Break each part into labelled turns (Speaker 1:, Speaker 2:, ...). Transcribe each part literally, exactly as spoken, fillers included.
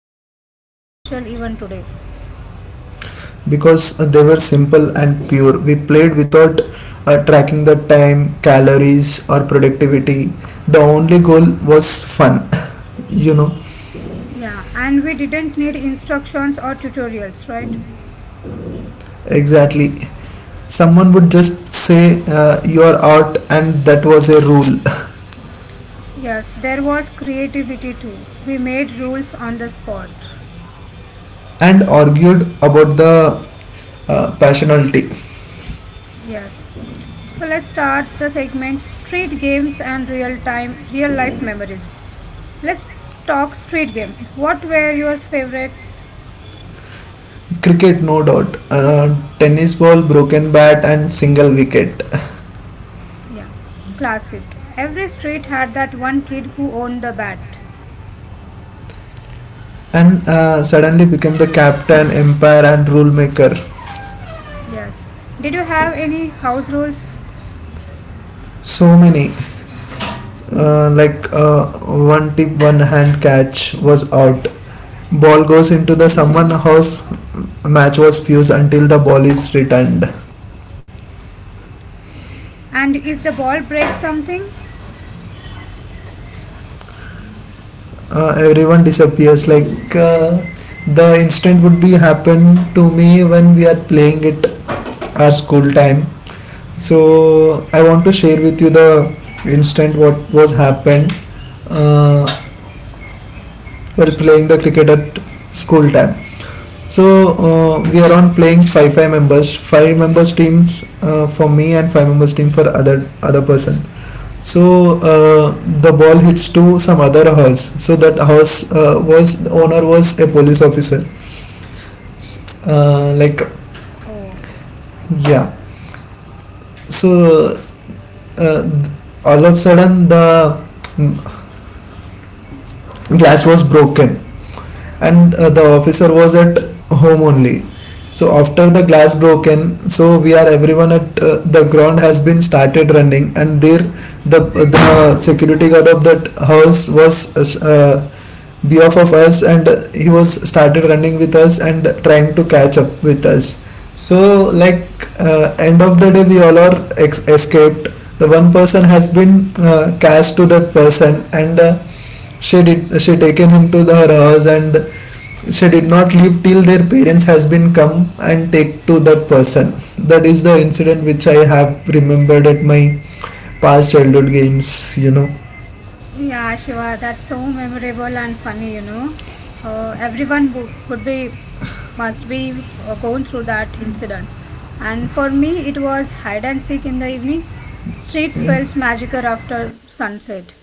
Speaker 1: games feel so special even today?
Speaker 2: Because uh, they were simple and pure. We played without uh, tracking the time, calories, or productivity. The only goal was fun, you know.
Speaker 1: Yeah, and we didn't need instructions or tutorials, right?
Speaker 2: Exactly. Someone would just say uh, you're out, and that was a rule,
Speaker 1: Yes, there was creativity too. We made rules on the spot.
Speaker 2: and argued about the uh, passionality.
Speaker 1: Yes. So let's start the segment street games and real time real life memories. Let's talk street games. What were your favorites?
Speaker 2: Cricket, no doubt. Uh, tennis ball, broken bat, and single wicket.
Speaker 1: Yeah, classic. Every street had that one kid who owned the bat.
Speaker 2: and uh, suddenly became the captain, empire, and rule maker.
Speaker 1: Yes. Did you have any house rules?
Speaker 2: So many, uh, like uh, one tip, one hand catch was out. Ball goes into the someone house. Match was fused until the ball is returned.
Speaker 1: And if the ball breaks something?
Speaker 2: Uh, everyone disappears. Like uh, the instant would be happen to me when we are playing it at school time. So I want to share with you the instant what was happened. Uh,
Speaker 1: Sure,
Speaker 2: while
Speaker 1: Shiva.
Speaker 2: playing the cricket at school time. So uh, we are on playing five five members, five members teams uh, for me and five members team for other other person. So uh, the ball hits to some other house. So that house uh, was the owner was a police officer. S- Uh, like
Speaker 1: Oh,
Speaker 2: yeah. So uh, all of a sudden the mm, glass was broken and uh, the officer was at home only. So after the glass broken, so we are everyone at uh, the ground has been started running. And there the the security guard of that house was uh, behalf of us, and he was started running with us and trying to catch up with us. So, like uh, end of the day, we all are ex- escaped. The one person has been uh, cast to that person, and uh, she did she taken him to the her house, and she did not leave till their parents has been come and take to that person. That is the incident which I have remembered at my past childhood games, you know.
Speaker 1: yeah, Shiva, that's so memorable and funny, you know. Uh, everyone wo- would be, must be uh, going through that incident. And for me, it was hide and seek in the evenings. Streets felt magical after sunset.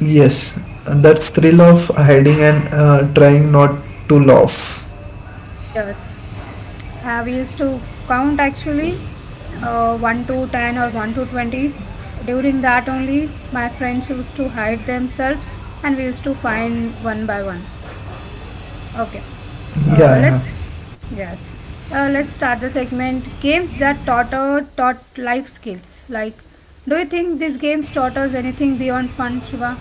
Speaker 2: Yes, that's thrill of hiding and uh, trying not to laugh.
Speaker 1: Yes, uh, we used to count actually uh, one to ten or one to twenty. During that only, my friends used to hide themselves and we used to find one by one. Okay,
Speaker 2: Yeah,
Speaker 1: uh,
Speaker 2: yeah.
Speaker 1: let's, yes, uh, let's start the segment games that taught, uh, taught life skills. Like, do you think these games taught us anything beyond fun, Shiva?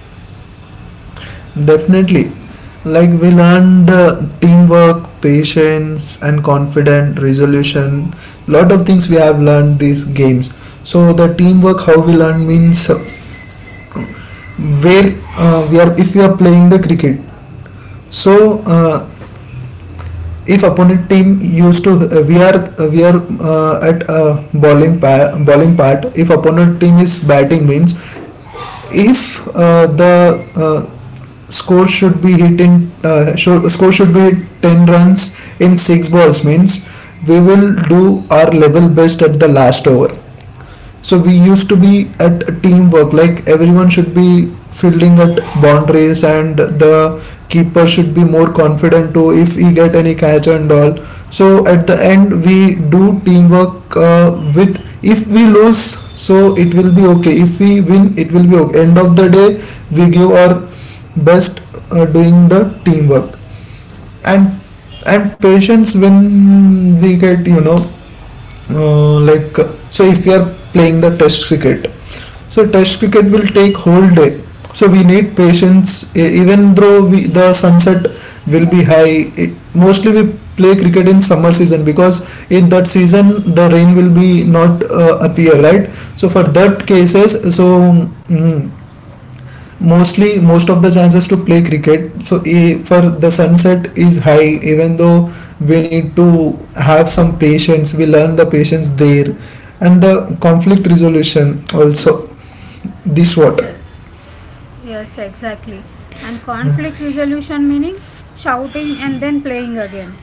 Speaker 2: Definitely, like, we learned uh, teamwork, patience, and confident resolution. Lot of things we have learned these games. So the teamwork how we learn means, uh, where uh, we are, if we are playing the cricket. So uh, if opponent team used to, uh, we are uh, we are uh, at uh, bowling pa- bowling part, if opponent team is batting means, if uh, the uh, score should be hit in uh, sho- score should be ten runs in six balls means we will do our level best at the last over. So we used to be at a teamwork, like everyone should be fielding at boundaries, and the keeper should be more confident too, if he get any catch and all. So at the end we do teamwork, uh, with, if we lose, so it will be okay, if we win it will be okay. End of the day we give our best uh, doing the teamwork. and
Speaker 1: Yes,
Speaker 2: and patience, when we get, you know, uh, like so if you are playing the test cricket, so test cricket will take whole day. So we need patience. E- Even though we, the sunset will be high, it, mostly we play cricket in summer season, because in that season the rain will be not uh, appear, right? So for that
Speaker 1: yes,
Speaker 2: cases, so mm, mostly most of the chances to play cricket. So, e, for the sunset is high. Even though we need to have some patience, we learn the patience there, and the conflict
Speaker 1: yes,
Speaker 2: resolution also. This what
Speaker 1: yes, yes. Yes, exactly. And conflict resolution meaning shouting and then playing again.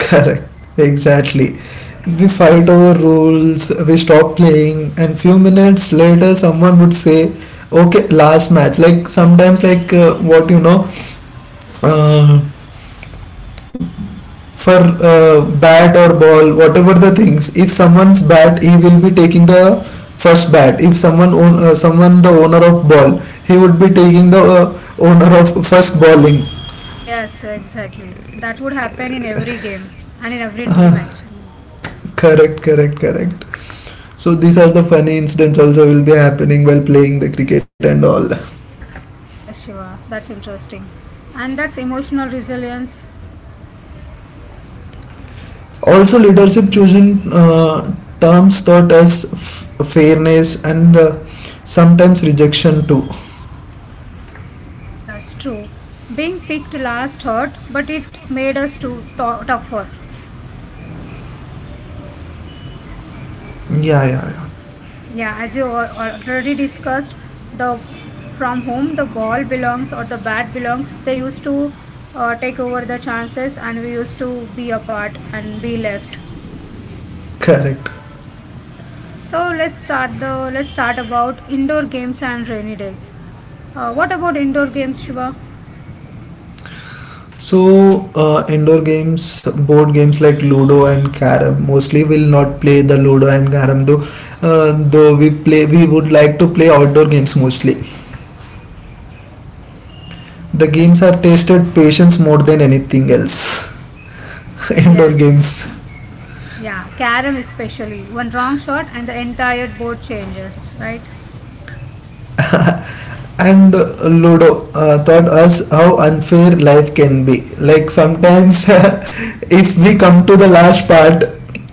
Speaker 2: correct. Exactly. We fight over rules, we stop playing, and few minutes later, someone would say, okay, last match. Like sometimes, like uh, what you know, uh, for uh, bat or ball, whatever the things, if someone's bat, he will be taking the first bat. If someone, own, uh, someone the owner of ball, he would be taking the
Speaker 1: Yes.
Speaker 2: uh, owner of first bowling.
Speaker 1: Yes, exactly. That would happen in every game and in every team actually.
Speaker 2: Correct, correct, correct. So these are the funny incidents also will be happening while playing the cricket and all.
Speaker 1: Yes, Shiva, that's interesting. And that's emotional resilience.
Speaker 2: Also, leadership chosen uh, terms taught us f- fairness and uh, sometimes rejection too.
Speaker 1: Yes, true. Being picked last hurt, but it made us too to- tougher.
Speaker 2: Yeah, yeah, yeah.
Speaker 1: Yeah, as you al- already discussed the from whom the ball belongs or the bat belongs, they used to uh, take over the chances and we used to be apart and be left.
Speaker 2: Correct.
Speaker 1: Yes, so let's start the let's start about indoor games and rainy days. Uh, what about indoor games, Shiva?
Speaker 2: So, uh, indoor games, board games like Ludo and carrom. Mostly, we'll not play the Ludo and carrom though. Uh, though we play, we would like to play outdoor games mostly. The games are
Speaker 1: Yes,
Speaker 2: tested patience more than anything else. Indoor
Speaker 1: yes.
Speaker 2: games.
Speaker 1: Yeah, carom, especially one wrong shot and the entire board changes, right?
Speaker 2: And Ludo uh, taught us how unfair life can be. Like sometimes, if we come to the
Speaker 1: Exactly.
Speaker 2: last part,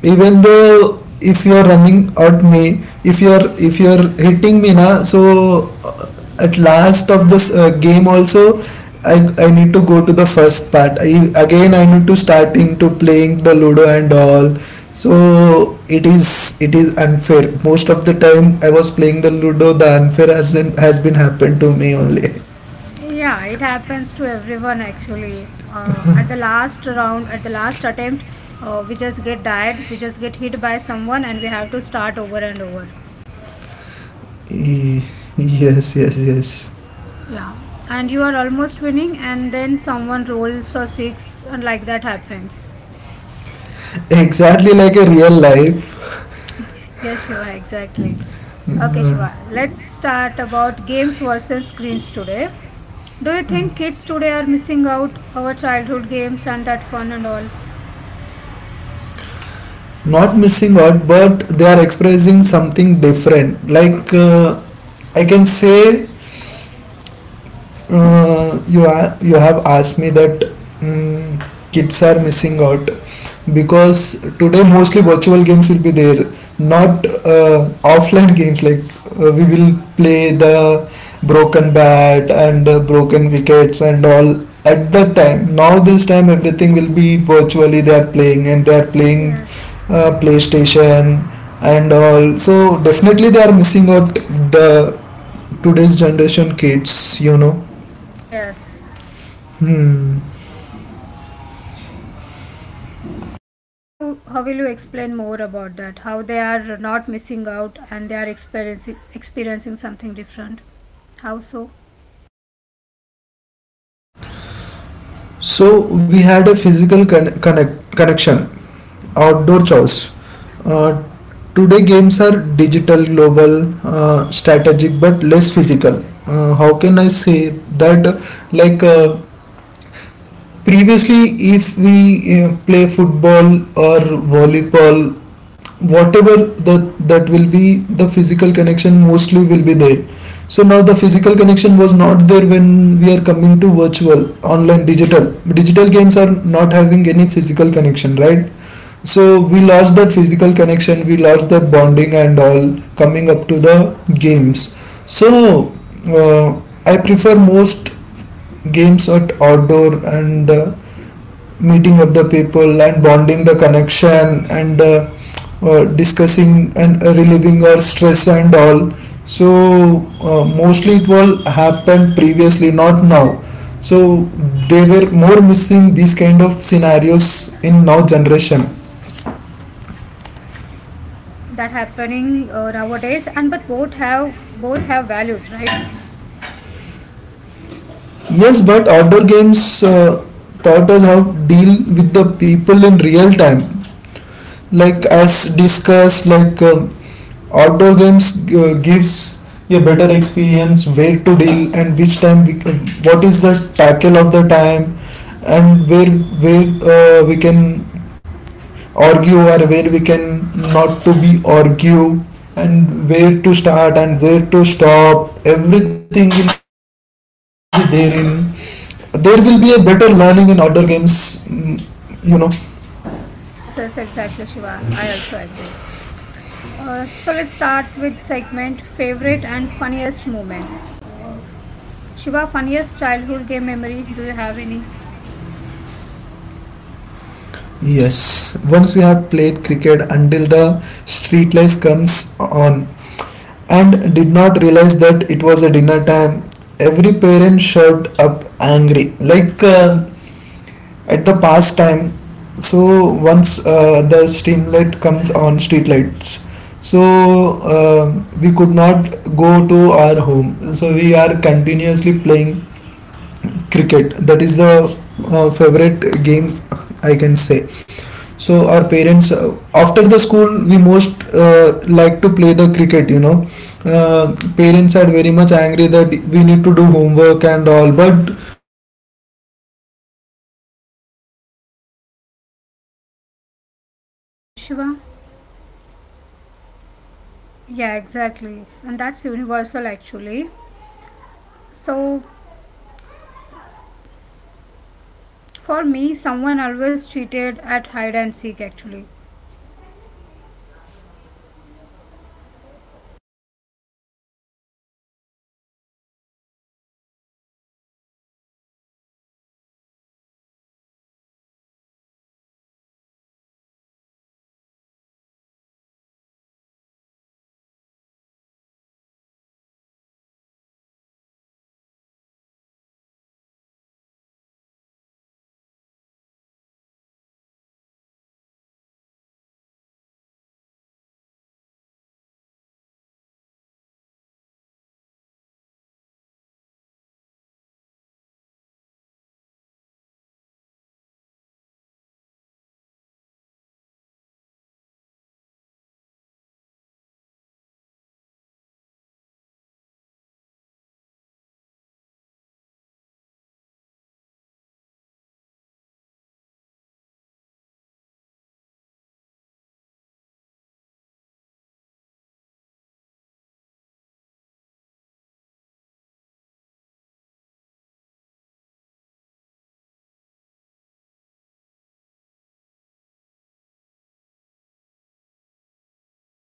Speaker 2: even though if you are running at me, if you are if you are hitting me na, so, uh, at last of this uh, game also, I, I need to go to the first part. I, again, I need to starting to playing the Ludo and all. So it is it is unfair. Most of the time I was playing the Ludo, the unfair has been, has been happened to me only.
Speaker 1: Yeah, it happens to everyone actually. Uh, at the last round, at the last attempt, uh, we just get died, we just get hit by someone, and we have to start over and over.
Speaker 2: Eh, yes, yes, yes.
Speaker 1: Yeah, and you are almost winning, and then someone rolls a six, and like that happens.
Speaker 2: Exactly like a real life.
Speaker 1: Yes, Shiva, exactly. Okay, Shiva, let's start about games versus screens today. Do you think kids today are missing out our childhood games and that fun and all?
Speaker 2: Not missing out, but they are expressing something different. Like uh, I can say, uh, you are, you have asked me that, mm, kids are missing out, because today
Speaker 1: Yes,
Speaker 2: mostly virtual games will be there, not uh, offline games. Like uh, we will play the broken bat and uh, broken wickets and all at that time. Now this time everything will be virtually, they are playing and they are playing
Speaker 1: yes,
Speaker 2: uh, playstation and all. So definitely they are missing out the today's generation kids, you know.
Speaker 1: yes.
Speaker 2: Hmm.
Speaker 1: How how will you explain more about that? How they are not missing out and they are experiencing experiencing something different? How so?
Speaker 2: So we had a physical con- connect connection, outdoor chores. Uh, Today games are digital, global, uh, strategic, but less physical. Uh, how can I say that? Like uh, previously, if we uh, play football or volleyball, whatever that that will be, the physical connection mostly will be there. So now the physical connection was not there when we are coming to virtual, online, digital. Digital games are not having any physical connection, right? So we lost that physical connection, we lost that bonding and all coming up to the games. So uh, I prefer most games at outdoor and uh, meeting up the people and bonding the connection and uh, uh, discussing and relieving our stress and all. So, uh, mostly it will happen previously, not now. So they were more missing these kind of scenarios in now generation.
Speaker 1: Yes, that happening uh, nowadays. And but both have both have values, right?
Speaker 2: Yes, but outdoor games uh, taught us how to deal with the people in real time. Like as
Speaker 1: Yes.
Speaker 2: discussed, like, um, outdoor games uh, gives a better experience, where to deal and which time we can, what is the tackle of the time, and where where uh, we can argue, or where we can not to be argue, and where to start and where to stop. Everything will be there in, there will be a better learning in outdoor games, mm, you know.
Speaker 1: Yes, yes, exactly, Shiva. I also agree. Uh, so let's start with segment favorite and funniest moments. Shiva, funniest childhood game memory. Do you have any?
Speaker 2: Yes, once we have played cricket until the street lights comes on, and did not realize that it was a dinner time. Every parent showed up angry, like uh, at the past time. So once uh, the steam light comes on, street lights, so, uh, we could not go to our home, so we are continuously playing cricket. That is the uh, favorite game, I can say. So our parents, uh, after the school, we most uh, like to play the cricket, you know. Uh, parents are very much angry that we need to do homework and all, but we ignore about homeworks and all, we ignore about the learning. If we are interested to play, we don't see the timing and
Speaker 1: Yes,
Speaker 2: all, we
Speaker 1: Shiva.
Speaker 2: just focused on cricket, and we just focused
Speaker 1: Yeah,
Speaker 2: on
Speaker 1: exactly.
Speaker 2: the
Speaker 1: And that's
Speaker 2: playing part,
Speaker 1: universal
Speaker 2: and we
Speaker 1: actually.
Speaker 2: just focused to enjoy with the
Speaker 1: So
Speaker 2: friends in terms of uh, games. So, uh, like
Speaker 1: for
Speaker 2: uh,
Speaker 1: me,
Speaker 2: in
Speaker 1: someone
Speaker 2: schools also,
Speaker 1: always
Speaker 2: we are
Speaker 1: cheated
Speaker 2: having the
Speaker 1: at
Speaker 2: P T
Speaker 1: hide and
Speaker 2: period and
Speaker 1: seek
Speaker 2: all now.
Speaker 1: actually.
Speaker 2: So, uh, to reduce the stress and all, so it, it will be. Hurry! Shit! ना phone ही ना phone ही जल्दी जल्दी जल्दी जल्दी जल्दी जल्दी